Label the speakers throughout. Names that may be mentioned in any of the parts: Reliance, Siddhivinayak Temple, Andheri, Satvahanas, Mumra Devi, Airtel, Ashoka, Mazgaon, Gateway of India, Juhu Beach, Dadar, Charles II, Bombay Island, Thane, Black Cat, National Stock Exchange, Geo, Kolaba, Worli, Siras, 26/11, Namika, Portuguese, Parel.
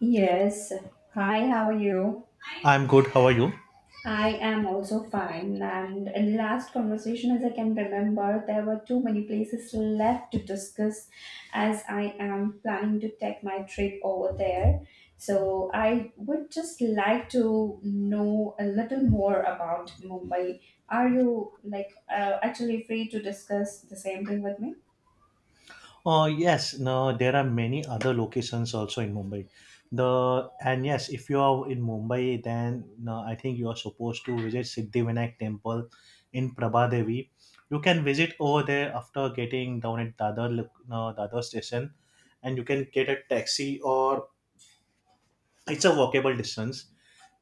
Speaker 1: Yes. Hi, how are you?
Speaker 2: I'm good. How are you?
Speaker 1: I am also fine. And in last conversation, as I can remember, there were too many places left to discuss as I am planning to take my trip over there. So I would just like to know a little more about Mumbai. Are you like actually free to discuss the same thing with me?
Speaker 2: Yes, no, there are many other locations also in Mumbai. The And yes, if you are in Mumbai, then no, I think you are supposed to visit Siddhivinayak Temple in Prabhadevi. You can visit over there after getting down at Dadar, no, Dadar station, and you can get a taxi, or it's a walkable distance,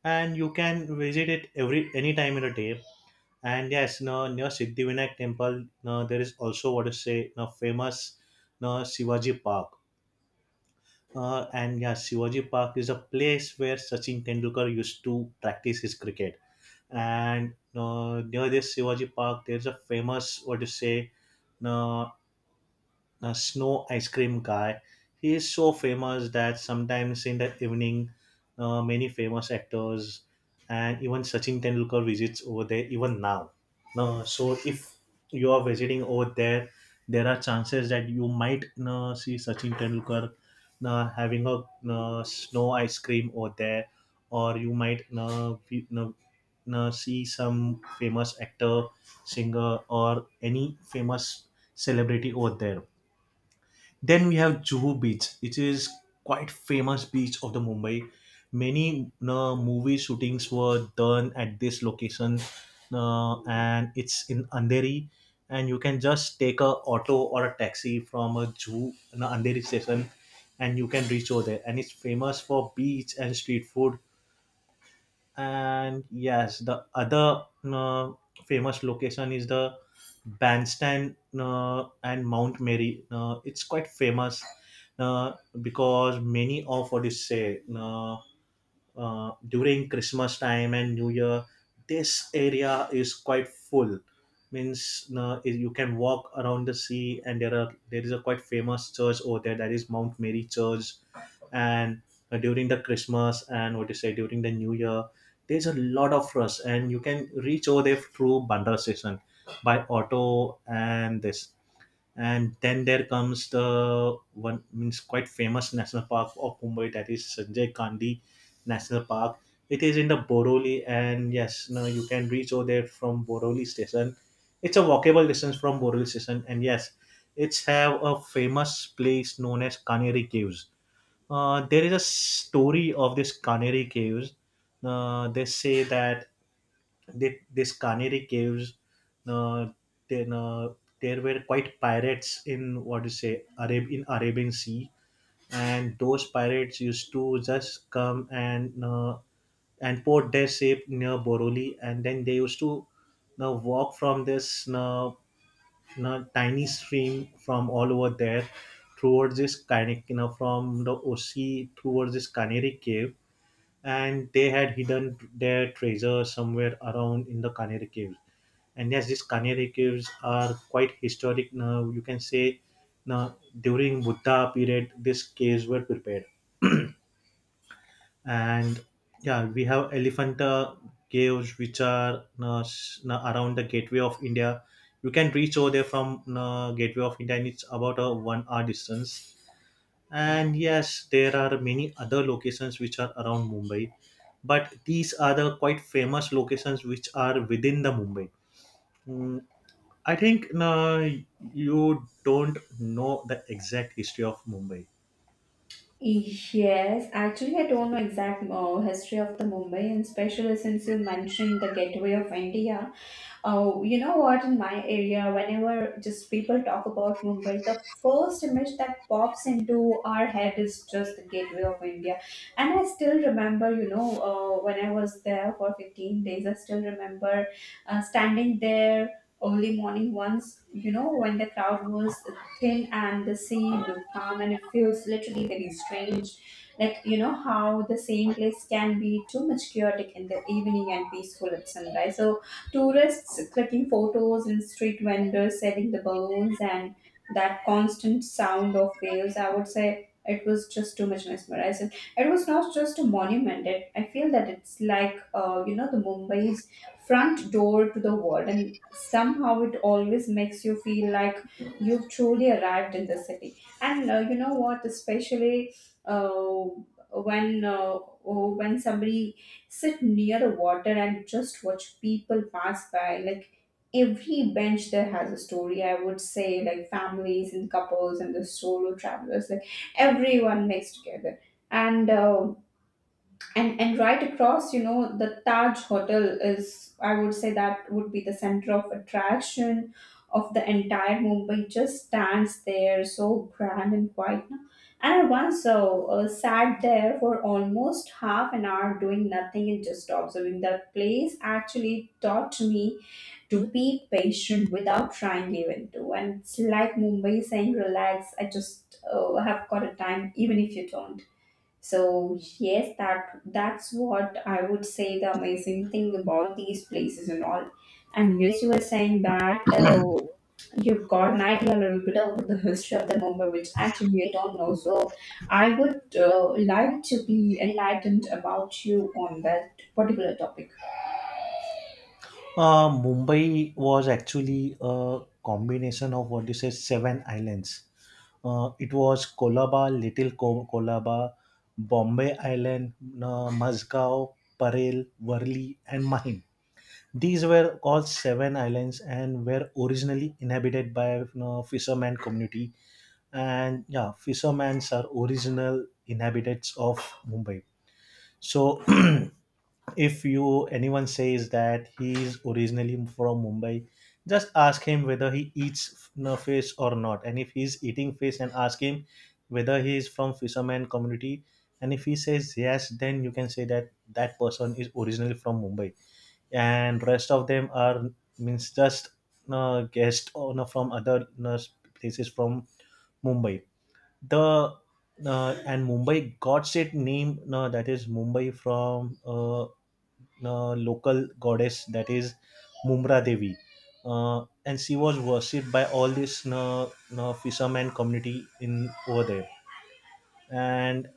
Speaker 2: and you can visit it every any time in a day. And yes, no, near Siddhivinayak temple, no, there is also what to say, no, famous, no, Shivaji Park. And yeah, Shivaji Park is a place where Sachin Tendulkar used to practice his cricket. And no, near this Shivaji Park, there is a famous, what to say, no, a snow ice cream guy. He is so famous that sometimes in the evening, many famous actors and even Sachin Tendulkar visits over there even now. No, so if you are visiting over there, there are chances that you might see Sachin Tendulkar having a snow ice cream over there, or you might see some famous actor, singer, or any famous celebrity over there. Then we have Juhu Beach. It is quite famous beach of the Mumbai. Many movie shootings were done at this location, and it's in Andheri. And you can just take a auto or a taxi from a Juhu, an Andheri station, and you can reach over there. And it's famous for beach and street food, and yes, the other famous location is the bandstand and Mount Mary, it's quite famous uh, because many of what you say during Christmas time and New Year, this area is quite full. Means you can walk around the sea, and there is a quite famous church over there that is Mount Mary Church, and during the Christmas and what you say during the New Year, there's a lot of rush, and you can reach over there through Bandra station by auto, and this, and then there comes the one means quite famous national park of Mumbai, that is Sanjay Gandhi National Park. It is in the Boroli, and yes, now you can reach over there from Boroli station. It's a walkable distance from Boroli station, and yes, it's have a famous place known as Kaneri Caves. There is a story of this Kaneri Caves. They say that this Canary Caves, uh, then there were quite pirates in what do you say Arab in Arabian Sea, and those pirates used to just come and port their ship near Boroli, and then they used to now walk from this tiny stream from all over there towards this Canary, you know, from the Osi towards this Canary Cave. And they had hidden their treasure somewhere around in the Canary Cave, and yes, these canary caves are quite historic now. You can say now during Buddha period, these caves were prepared. And yeah, we have Elephanta caves, which are around the Gateway of India. You can reach over there from Gateway of India, and it's about a 1 hour distance. And yes, there are many other locations which are around Mumbai, but these are the quite famous locations which are within the Mumbai. Mm, I think you don't know the exact history of Mumbai.
Speaker 1: Yes, actually, I don't know exact history of the Mumbai, and especially since you mentioned the Gateway of India. Oh, you know what? In my area, whenever just people talk about Mumbai, the first image that pops into our head is just the Gateway of India. And I still remember, you know, when I was there for 15 days, I still remember standing there early morning once, you know, when the crowd was thin and the sea looked calm and it feels literally very strange. Like, you know, how the same place can be too much chaotic in the evening and peaceful at sunrise. So tourists clicking photos and street vendors selling the balloons and that constant sound of waves, I would say it was just too much mesmerizing. It was not just a monument. I feel that it's like, you know, the Mumbai's front door to the world. And somehow it always makes you feel like you've truly arrived in the city. And you know what, especially uh, when uh, when somebody sit near a water and just watch people pass by. Like every bench there has a story, I would say, like families and couples and the solo travelers, like everyone mixed together. And uh, and right across, you know, the Taj Hotel is, I would say that would be the center of attraction of the entire Mumbai, just stands there so grand and quiet, no? And I once sat there for almost 1/2 an hour doing nothing, and just observing that place actually taught me to be patient without trying even to. And it's like Mumbai saying relax, I just have got a time even if you don't. So yes, that's what I would say the amazing thing about these places and all. And yes, you were saying that you've got an idea a little bit of the history of the Mumbai, which actually I don't know. So I would like to be enlightened about you on that particular topic.
Speaker 2: Mumbai was actually a combination of what you say seven islands. It was Kolaba, Little Kolaba, Bombay Island, Mazgaon, Parel, Worli, and Mahim. These were all seven islands and were originally inhabited by you know, fisherman community. And yeah, fishermen are original inhabitants of Mumbai. So if you anyone says that he is originally from Mumbai, just ask him whether he eats no fish or not. And if he's eating fish, and ask him whether he is from fisherman community. And if he says yes, then you can say that that person is originally from Mumbai. And rest of them are means just guest or no, from other no, places from Mumbai, the, and Mumbai got its name, no, that is Mumbai, from local goddess, that is Mumra Devi, and she was worshipped by all this fisherman community in over there, and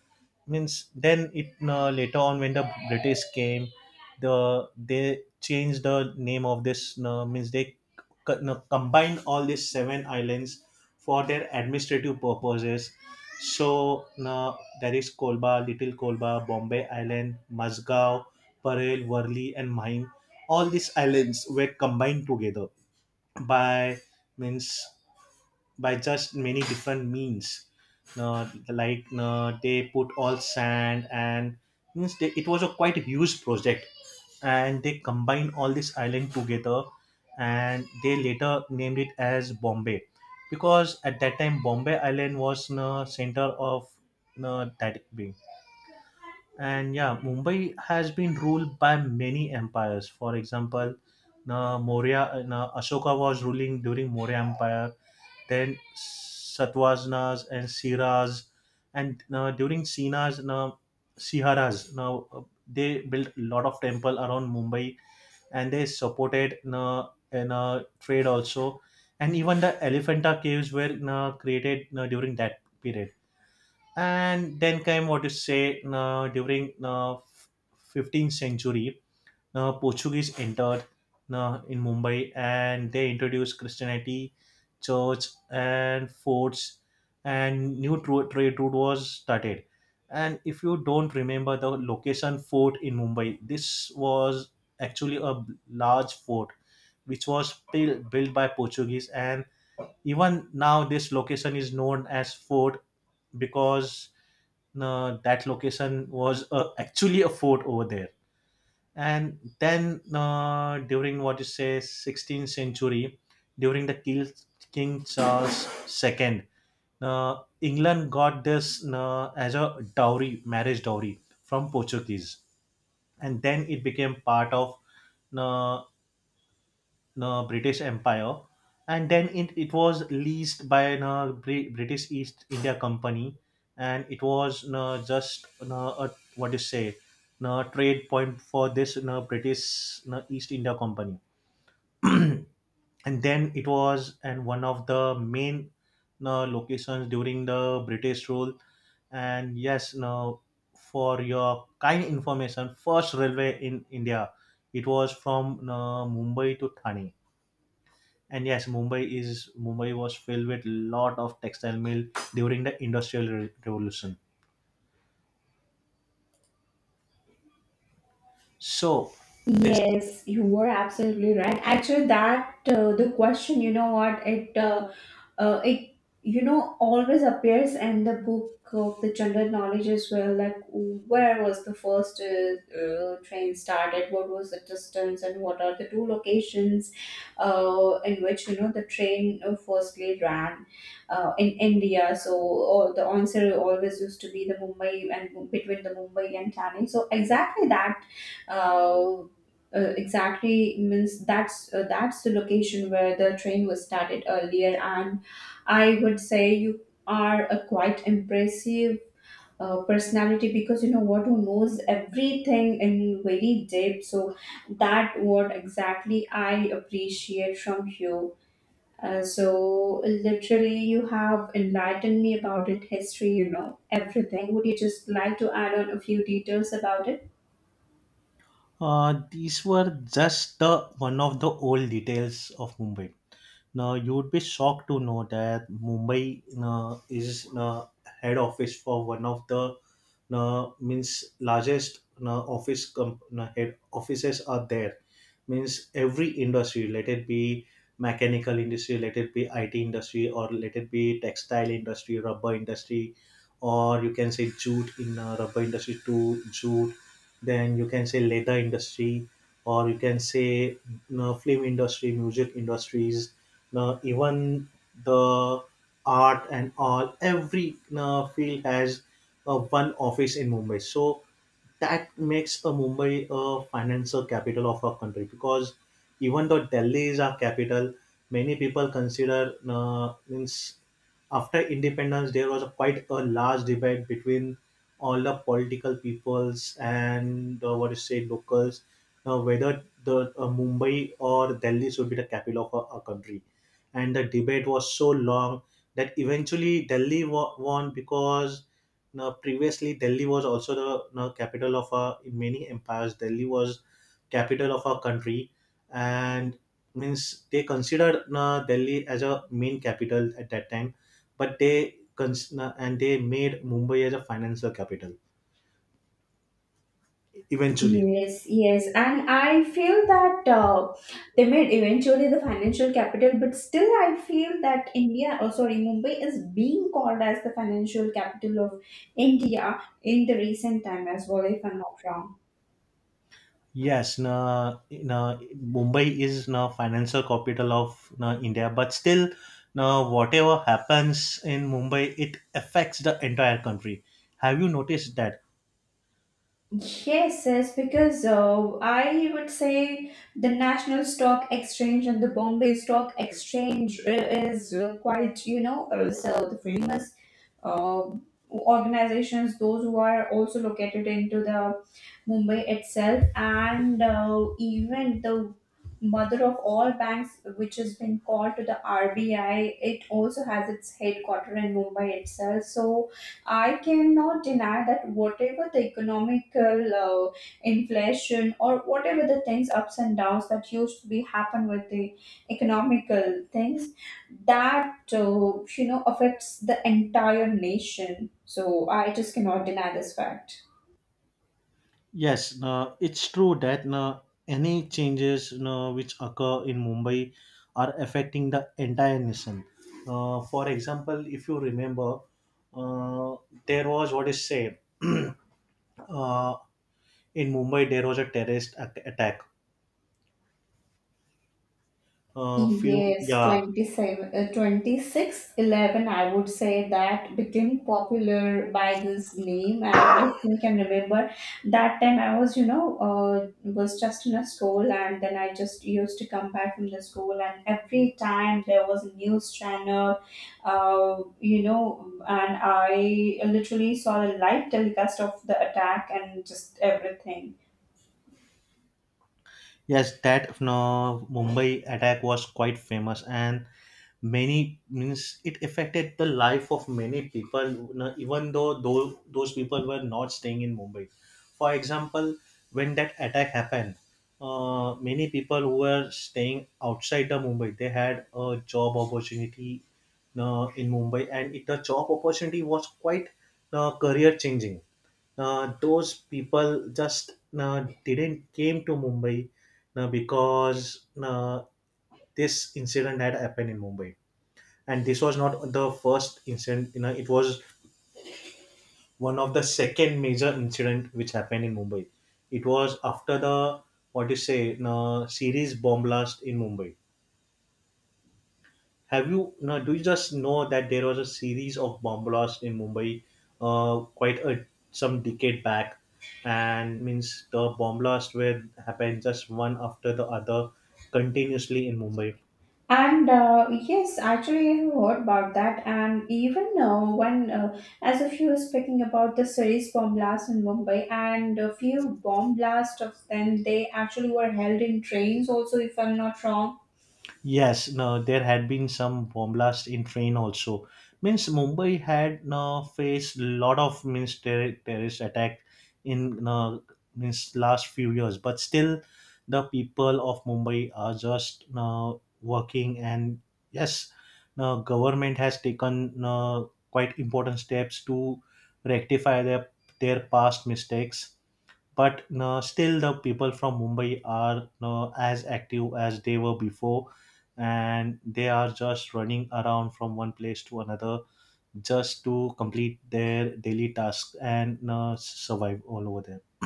Speaker 2: means then it later on when the British came, they changed the name of this, means they no, combined all these seven islands for their administrative purposes, so there is Kolba, Little Kolba, Bombay Island, Mazgaon, Parel, Worli and Mahim, all these islands were combined together by means by just many different means, they put all sand and means it was a quite huge project, and they combined all this island together, and they later named it as Bombay because at that time Bombay Island was the center of that being. And yeah, Mumbai has been ruled by many empires, for example, Maurya, Ashoka was ruling during Maurya Empire, then Satvahanas and Siras, and during Sinas, now Siharas, now, they built a lot of temple around Mumbai, and they supported in trade also, and even the Elephanta caves were created during that period. And then came what you say during 15th century, now, Portuguese entered now in Mumbai, and they introduced Christianity, church, and forts, and new trade route was started. And if you don't remember the location fort in Mumbai, this was actually a large fort which was built by Portuguese. And even now, this location is known as fort because that location was actually a fort over there. And then during what you say 16th century, during the king, King Charles II, England got this as a dowry, marriage dowry, from Portuguese, and then it became part of uh, the British Empire, and then it was leased by the British East India Company, and it was just a what do you say, trade point for this British East India Company, and then it was and one of the main locations during the British rule, and yes, now for your kind information, first railway in India, it was from Mumbai to Thane, and yes, Mumbai was filled with lot of textile mill during the industrial revolution. So this
Speaker 1: Yes, you were absolutely right. Actually, that the question, you know what, it you know always appears in the book of the general knowledge as well. Like, where was the first train started? What was the distance, and what are the two locations in which you know the train firstly ran in India? So all the answer always used to be the Mumbai and between the Mumbai and Thane. So exactly that. Uh, exactly means that's the location where the train was started earlier. And I would say you are a quite impressive personality because you know what, who knows everything in very deep. So that what exactly I appreciate from you. So literally you have enlightened me about it history, you know everything. Would you just like to add on a few details about it?
Speaker 2: these were just the one of the old details of Mumbai. Now, you'd be shocked to know that Mumbai is head office for one of the means largest head offices are there. Means every industry, let it be mechanical industry, let it be IT industry, or let it be textile industry, rubber industry, or you can say jute in rubber industry to jute. Then you can say leather industry, or you can say you know, film industry, music industries, now, even the art and all, every field has one office in Mumbai. So that makes a Mumbai a financial capital of our country because even though Delhi is our capital, many people consider means after independence there was a quite a large debate between all the political peoples and what to say locals whether the Mumbai or Delhi should be the capital of our country, and the debate was so long that eventually Delhi won because now, previously, Delhi was also the now, capital of in many empires. Delhi was capital of our country, and means they considered now, Delhi as a main capital at that time, but they now, and they made Mumbai as a financial capital eventually.
Speaker 1: Yes, yes, and I feel that they made eventually the financial capital, but still I feel that India, or sorry, Mumbai is being called as the financial capital of India in the recent time as well, if I'm not wrong.
Speaker 2: Yes, na, na, Mumbai is na financial capital of na, India, but still, na, whatever happens in Mumbai, it affects the entire country. Have you noticed that?
Speaker 1: Yes, yes, because I would say the National Stock Exchange and the Bombay Stock Exchange is quite, you know, so the famous uh, organizations, those who are also located into the Mumbai itself, and even the mother of all banks, which has been called to the RBI, it also has its headquarter in Mumbai itself. So I cannot deny that whatever the economical inflation or whatever the things ups and downs that used to be happen with the economical things, that you know, affects the entire nation. So I just cannot deny this fact.
Speaker 2: Yes, no, it's true that no, any changes no, which occur in Mumbai are affecting the entire nation. For example, if you remember, uh, there was what is said uh, in Mumbai. There was a terrorist attack. Few
Speaker 1: Yes,
Speaker 2: Yeah,
Speaker 1: 27, 26, 11, I would say that became popular by this name, and I still can remember that time I was, you know, was just in a school, and then I just used to come back from the school, and every time there was a news channel, you know, and I literally saw the live telecast of the attack and just everything.
Speaker 2: yes, that no, Mumbai attack was quite famous, and many means it affected the life of many people. You know, even though those people were not staying in Mumbai. For example, when that attack happened, many people who were staying outside the Mumbai they had a job opportunity you know, in Mumbai, and the job opportunity was quite career changing, those people just didn't came to Mumbai because this incident had happened in Mumbai, and this was not the first incident. You know, it was one of the second major incident which happened in Mumbai. It was after the what do you say, series bomb blast in Mumbai. Have you no? Do you just know that there was a series of bomb blasts in Mumbai, quite a some decade back, and means the bomb blasts were happened just one after the other, continuously in Mumbai.
Speaker 1: And yes, actually, I have heard about that. And even now, when as if you were speaking about the series bomb blast in Mumbai, and a few bomb blasts of them, they actually were held in trains, also, if I'm not wrong.
Speaker 2: Yes, no, there had been some bomb blast in train also. Means Mumbai had no faced lot of means terrorist attack in no, means last few years, but still the people of Mumbai are just no, working and yes, no, government has taken no, quite important steps to rectify their past mistakes but no, still the people from Mumbai are no, as active as they were before and they are just running around from one place to another just to complete their daily tasks and no, survive all over there.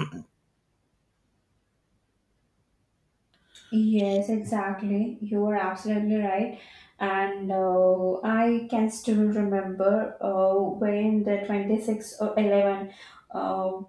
Speaker 1: Yes, exactly. You are absolutely right. And I can still remember when the 26 or 11. uh,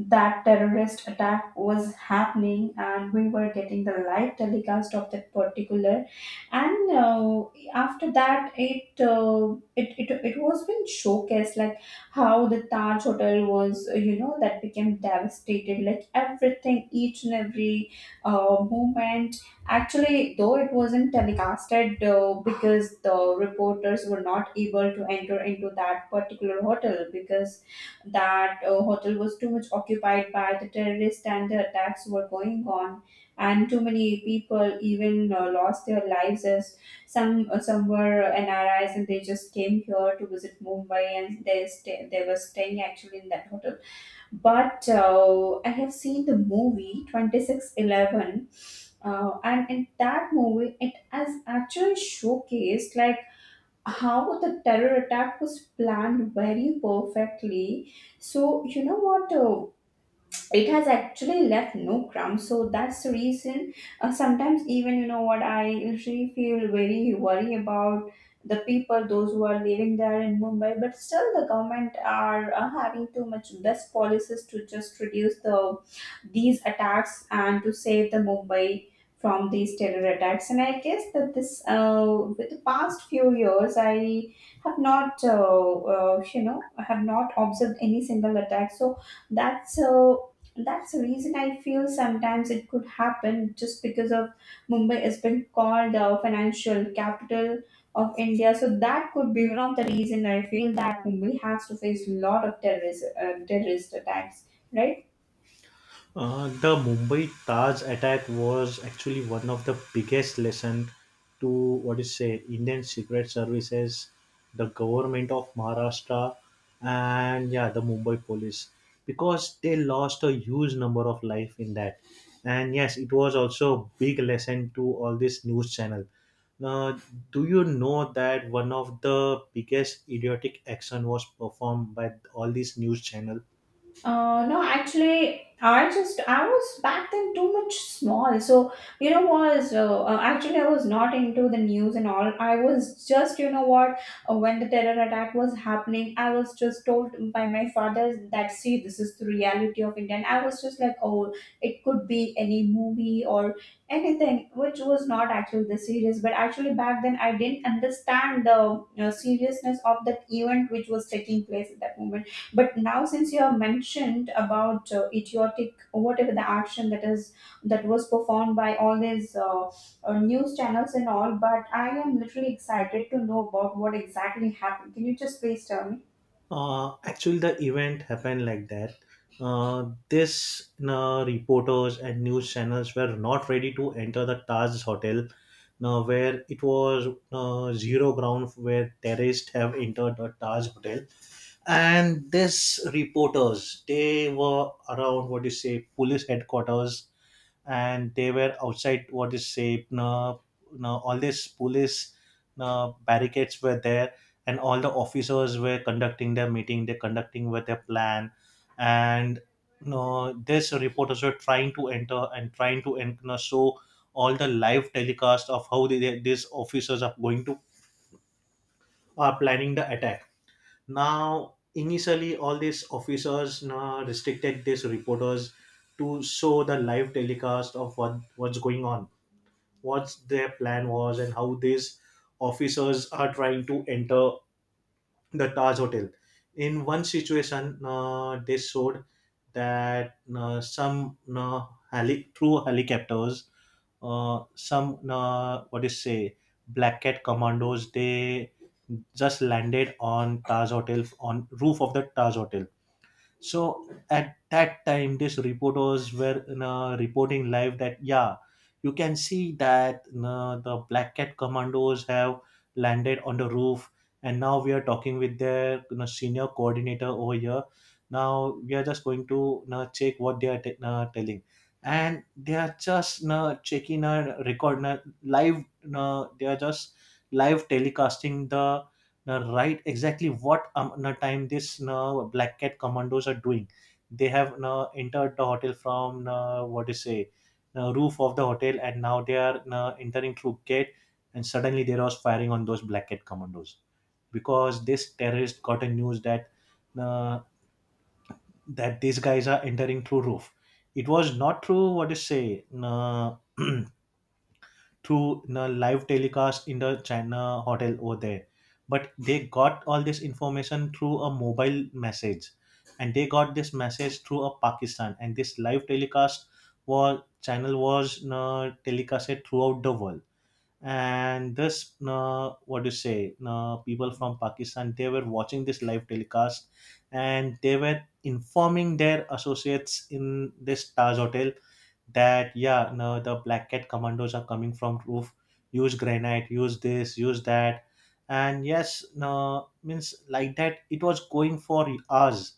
Speaker 1: that terrorist attack was happening and we were getting the live telecast of that particular. And after that it was been showcased like how the Taj Hotel was you know, that became devastated, like everything, each and every movement, actually, though it wasn't telecasted because the reporters were not able to enter into that particular hotel because that hotel was too much occupied by the terrorists and the attacks were going on, and too many people even lost their lives as some were NRIs and they just came here to visit Mumbai and they were staying actually in that hotel. But I have seen the movie 2611, and in that movie it has actually showcased like how the terror attack was planned very perfectly. So you know what, it has actually left no crumbs. So that's the reason sometimes, even, you know what, I usually feel very worry about the people those who are living there in Mumbai. But still the government are having too much best policies to just reduce the these attacks and to save the Mumbai from these terror attacks. And I guess that this, with the past few years, I have not you know, I have not observed any single attack. So that's uh, that's the reason I feel sometimes it could happen just because of Mumbai has been called the financial capital of India. So that could be one of the reason I feel that Mumbai has to face a lot of terrorist attacks, right?
Speaker 2: The Mumbai Taj attack was actually one of the biggest lesson to what is say Indian secret services, the government of Maharashtra, and yeah, the Mumbai police because they lost a huge number of life in that. And yes, it was also a big lesson to all this news channel. Now, do you know that one of the biggest idiotic action was performed by all these news channel?
Speaker 1: No, actually, I was back then too much small. So you know, was actually I was not into the news and all. I was just, you know what, when the terror attack was happening, I was just told by my father that see, this is the reality of India. And I was just like, oh, it could be any movie or anything, which was not actually the serious. But actually back then I didn't understand the seriousness of that event which was taking place at that moment. But now since you have mentioned about idiotic whatever the action that was performed by all these news channels and all, but I am literally excited to know about what exactly happened. Can you just please tell me?
Speaker 2: Actually, the event happened like that. This reporters and news channels were not ready to enter the Taj Hotel, where it was zero ground where terrorists have entered the Taj Hotel. And this reporters, they were around what do you say, police headquarters and they were outside what is safe. No, no. All these police no barricades were there and all the officers were conducting their meeting they conducting with their plan and no, these reporters were trying to enter and trying to enter you so all the live telecast of how these officers are going to are planning the attack now initially all these officers now restricted these reporters to show the live telecast of what what's going on, what their plan was and how these officers are trying to enter the Taj Hotel. In one situation, they showed that through helicopters, some what is say black cat commandos they just landed on Taj Hotel on roof of the Taj Hotel so at that time, these reporters were you know, reporting live that yeah, you can see that you know, the Black Cat commandos have landed on the roof, and now we are talking with their you know, senior coordinator over here. Now we are just going to you know, check what they are telling, and they are just you know, checking a record you know, live. You know, they are just live telecasting the now, right, exactly what now time this now Black Cat commandos are doing. They have now entered the hotel from now, what to say, now roof of the hotel, and now they are now entering through gate, and suddenly there was firing on those Black Cat commandos because this terrorist got a news that uh, that these guys are entering through roof. It was not through what to say. Through the live telecast in the China hotel over there. But they got all this information through a mobile message, and they got this message through a Pakistan. And this live telecast was channel was you telecasted throughout the world and this what do you say people from pakistan they were watching this live telecast and they were informing their associates in this taj hotel that yeah no the black cat commandos are coming from roof, use granite, use this, use that, and yes no means like that it was going for hours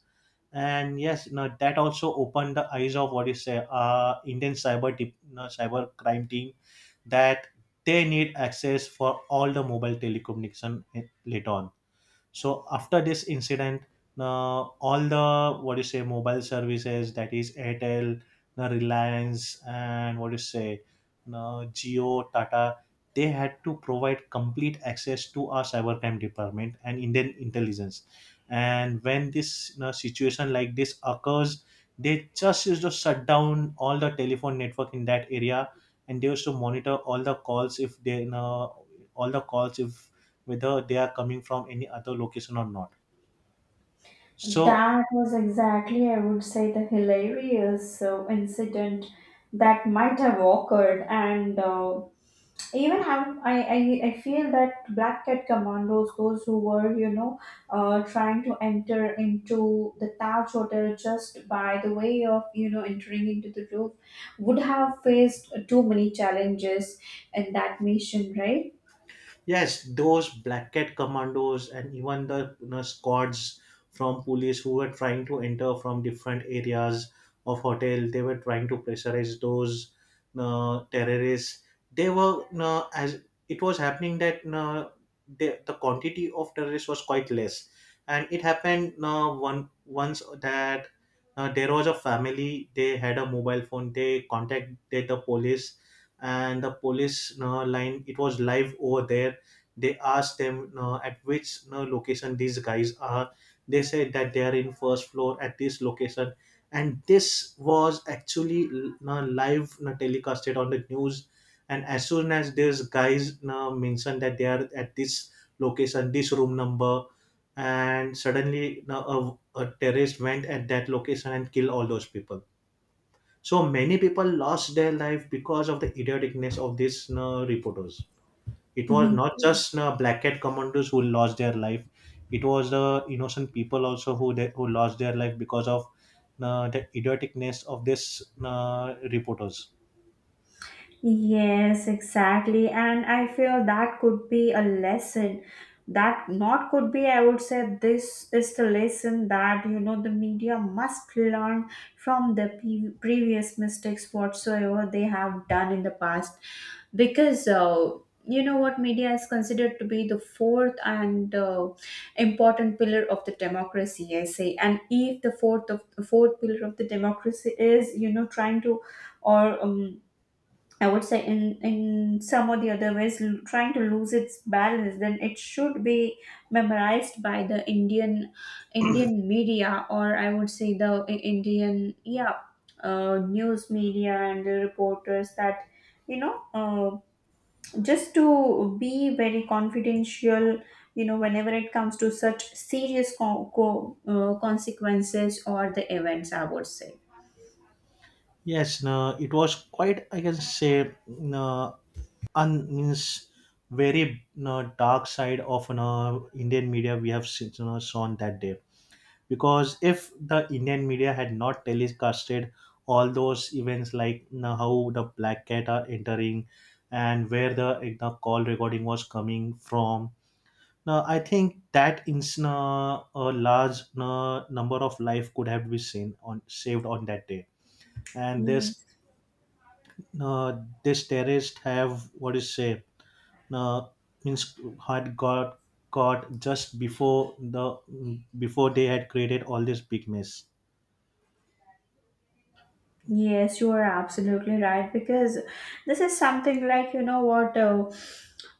Speaker 2: and yes now that also opened the eyes of what you say indian cyber tip, no, cyber crime team that they need access for all the mobile telecommunication eh, later on. So after this incident, all the what do you say mobile services, that is airtel, the reliance, and what do you say geo tata, they had to provide complete access to our cybercrime department and indian intelligence, and when this you know, situation like this occurs they just used to shut down all the telephone network in that area and they used to monitor all the calls if whether they are coming from any other location or not. So
Speaker 1: That was exactly, I would say, the hilarious incident that might have occurred, and even have I feel that black cat commandos, those who were, you know, uh, trying to enter into the Taj Hotel just by the way of, you know, entering into the roof, would have faced too many challenges in that mission, right?
Speaker 2: yes, those black cat commandos and even the you know, squads from police who were trying to enter from different areas of hotel, they were trying to pressurize those terrorists. They were you know, as it was happening that you know, the quantity of terrorists was quite less, and it happened one once that there was a family. They had a mobile phone. They contacted the police, and the police line. It was live over there, they asked them at which you location these guys are, they said that they are in first floor at this location, and this was actually you live you telecasted on the news and as soon as these guys you know, mentioned that they are at this location this room number and suddenly you a terrorist went at that location and killed all those people. So many people lost their life because of the idioticness of these you reporters. It was not
Speaker 1: Mhm.
Speaker 2: just black cat commandos who lost their life. It was the innocent people also who who lost their life because of the idioticness of this reporters.
Speaker 1: Yes, exactly. And I feel that could be a lesson. That not could be, I would say, this is the lesson that, you know, the media must learn from the previous mistakes whatsoever they have done in the past. Because, you know what, media is considered to be the fourth and important pillar of the democracy, I say. And if the fourth of the fourth pillar of the democracy is, you know, trying to or I would say in some or the other ways, trying to lose its balance, then it should be memorized by the Indian media, or I would say the Indian, yeah, news media and the reporters, that you know, just to be very confidential, you know, whenever it comes to such serious consequences or the events, I would say.
Speaker 2: Yes, no, it was quite, I can say, no, un means very no, dark side of no, Indian media we have seen, no, saw on that day. Because if the indian media had not telecasted all those events like you know, how the black cat are entering and where the call recording was coming from, now I think that a large number of life could have been seen on saved on that day, and this uh, this terrorist have what is say uh, means had got caught just before the before they had created all this big mess.
Speaker 1: Yes, you are absolutely right, because this is something like, you know what,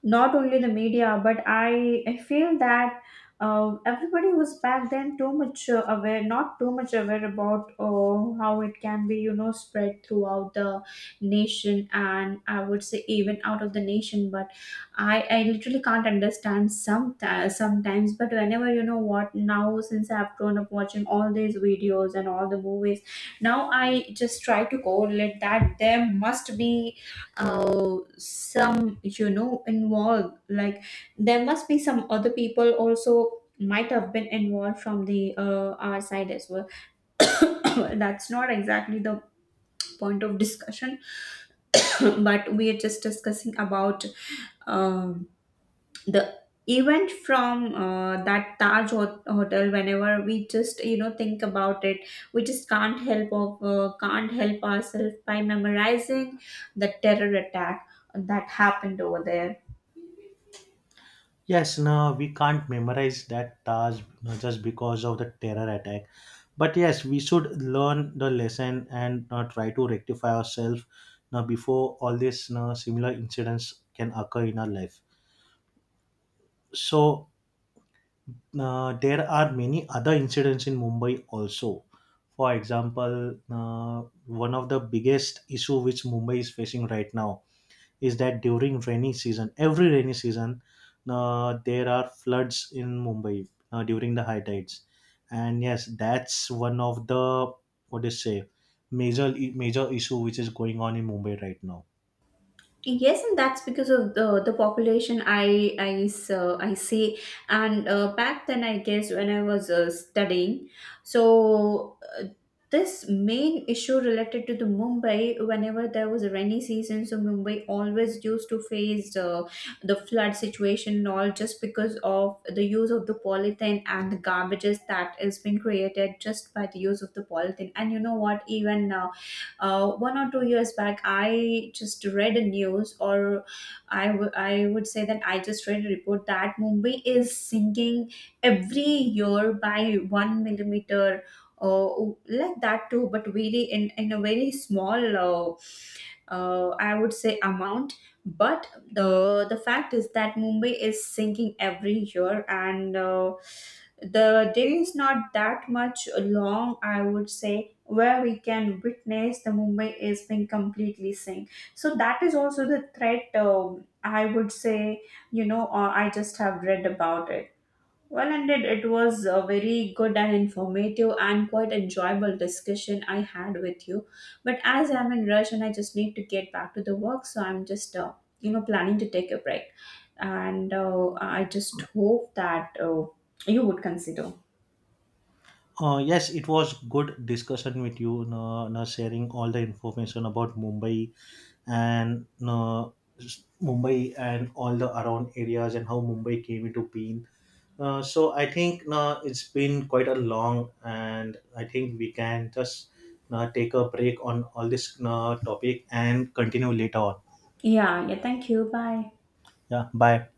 Speaker 1: not only the media, but I feel that everybody was back then too much aware, not too much aware about how it can be, you know, spread throughout the nation, and I would say even out of the nation. But I literally can't understand some sometimes, but whenever, you know what, now since I've grown up watching all these videos and all the movies, now I just try to correlate that there must be some, you know, involved, like there must be some other people also might have been involved from the our side as well. That's not exactly the point of discussion. But we are just discussing about um the event from that hotel. Whenever we just, you know, think about it, we just can't help of can't help ourselves by memorizing the terror attack that happened over there.
Speaker 2: Yes, no, we can't memorize that task just because of the terror attack. But yes, we should learn the lesson and try to rectify ourselves now before all these similar incidents can occur in our life. So there are many other incidents in Mumbai also. For example, one of the biggest issue which Mumbai is facing right now is that during rainy season, every rainy season, there are floods in Mumbai during the high tides, and yes, that's one of the what do you say major major issue which is going on in Mumbai right now.
Speaker 1: Yes, and that's because of the population, I so I see. And back then, I guess when I was studying, so this main issue related to the Mumbai, whenever there was a rainy season, so Mumbai always used to face the flood situation and all just because of the use of the polythene and the garbages that is being created just by the use of the polythene. And you know what? Even 1 or 2 years back, I just read a news, or I would say that I just read a report that Mumbai is sinking every year by one millimeter, uh, like that too. But really in a very small I would say amount. But the fact is that Mumbai is sinking every year, and the day is not that much long, I would say, where we can witness the Mumbai is being completely sink. So that is also the threat, I would say, you know, I just have read about it. Well ended, it was a very good and informative and quite enjoyable discussion I had with you. But as I'm in rush and I just need to get back to the work, so I'm just you know, planning to take a break, and I just hope that you would consider.
Speaker 2: Yes, it was good discussion with you, sharing all the information about Mumbai and Mumbai and all the around areas and how Mumbai came into being. So I think it's been quite a long, and I think we can just take a break on all this topic and continue later on.
Speaker 1: Yeah, yeah. Thank you. Bye.
Speaker 2: Yeah, bye.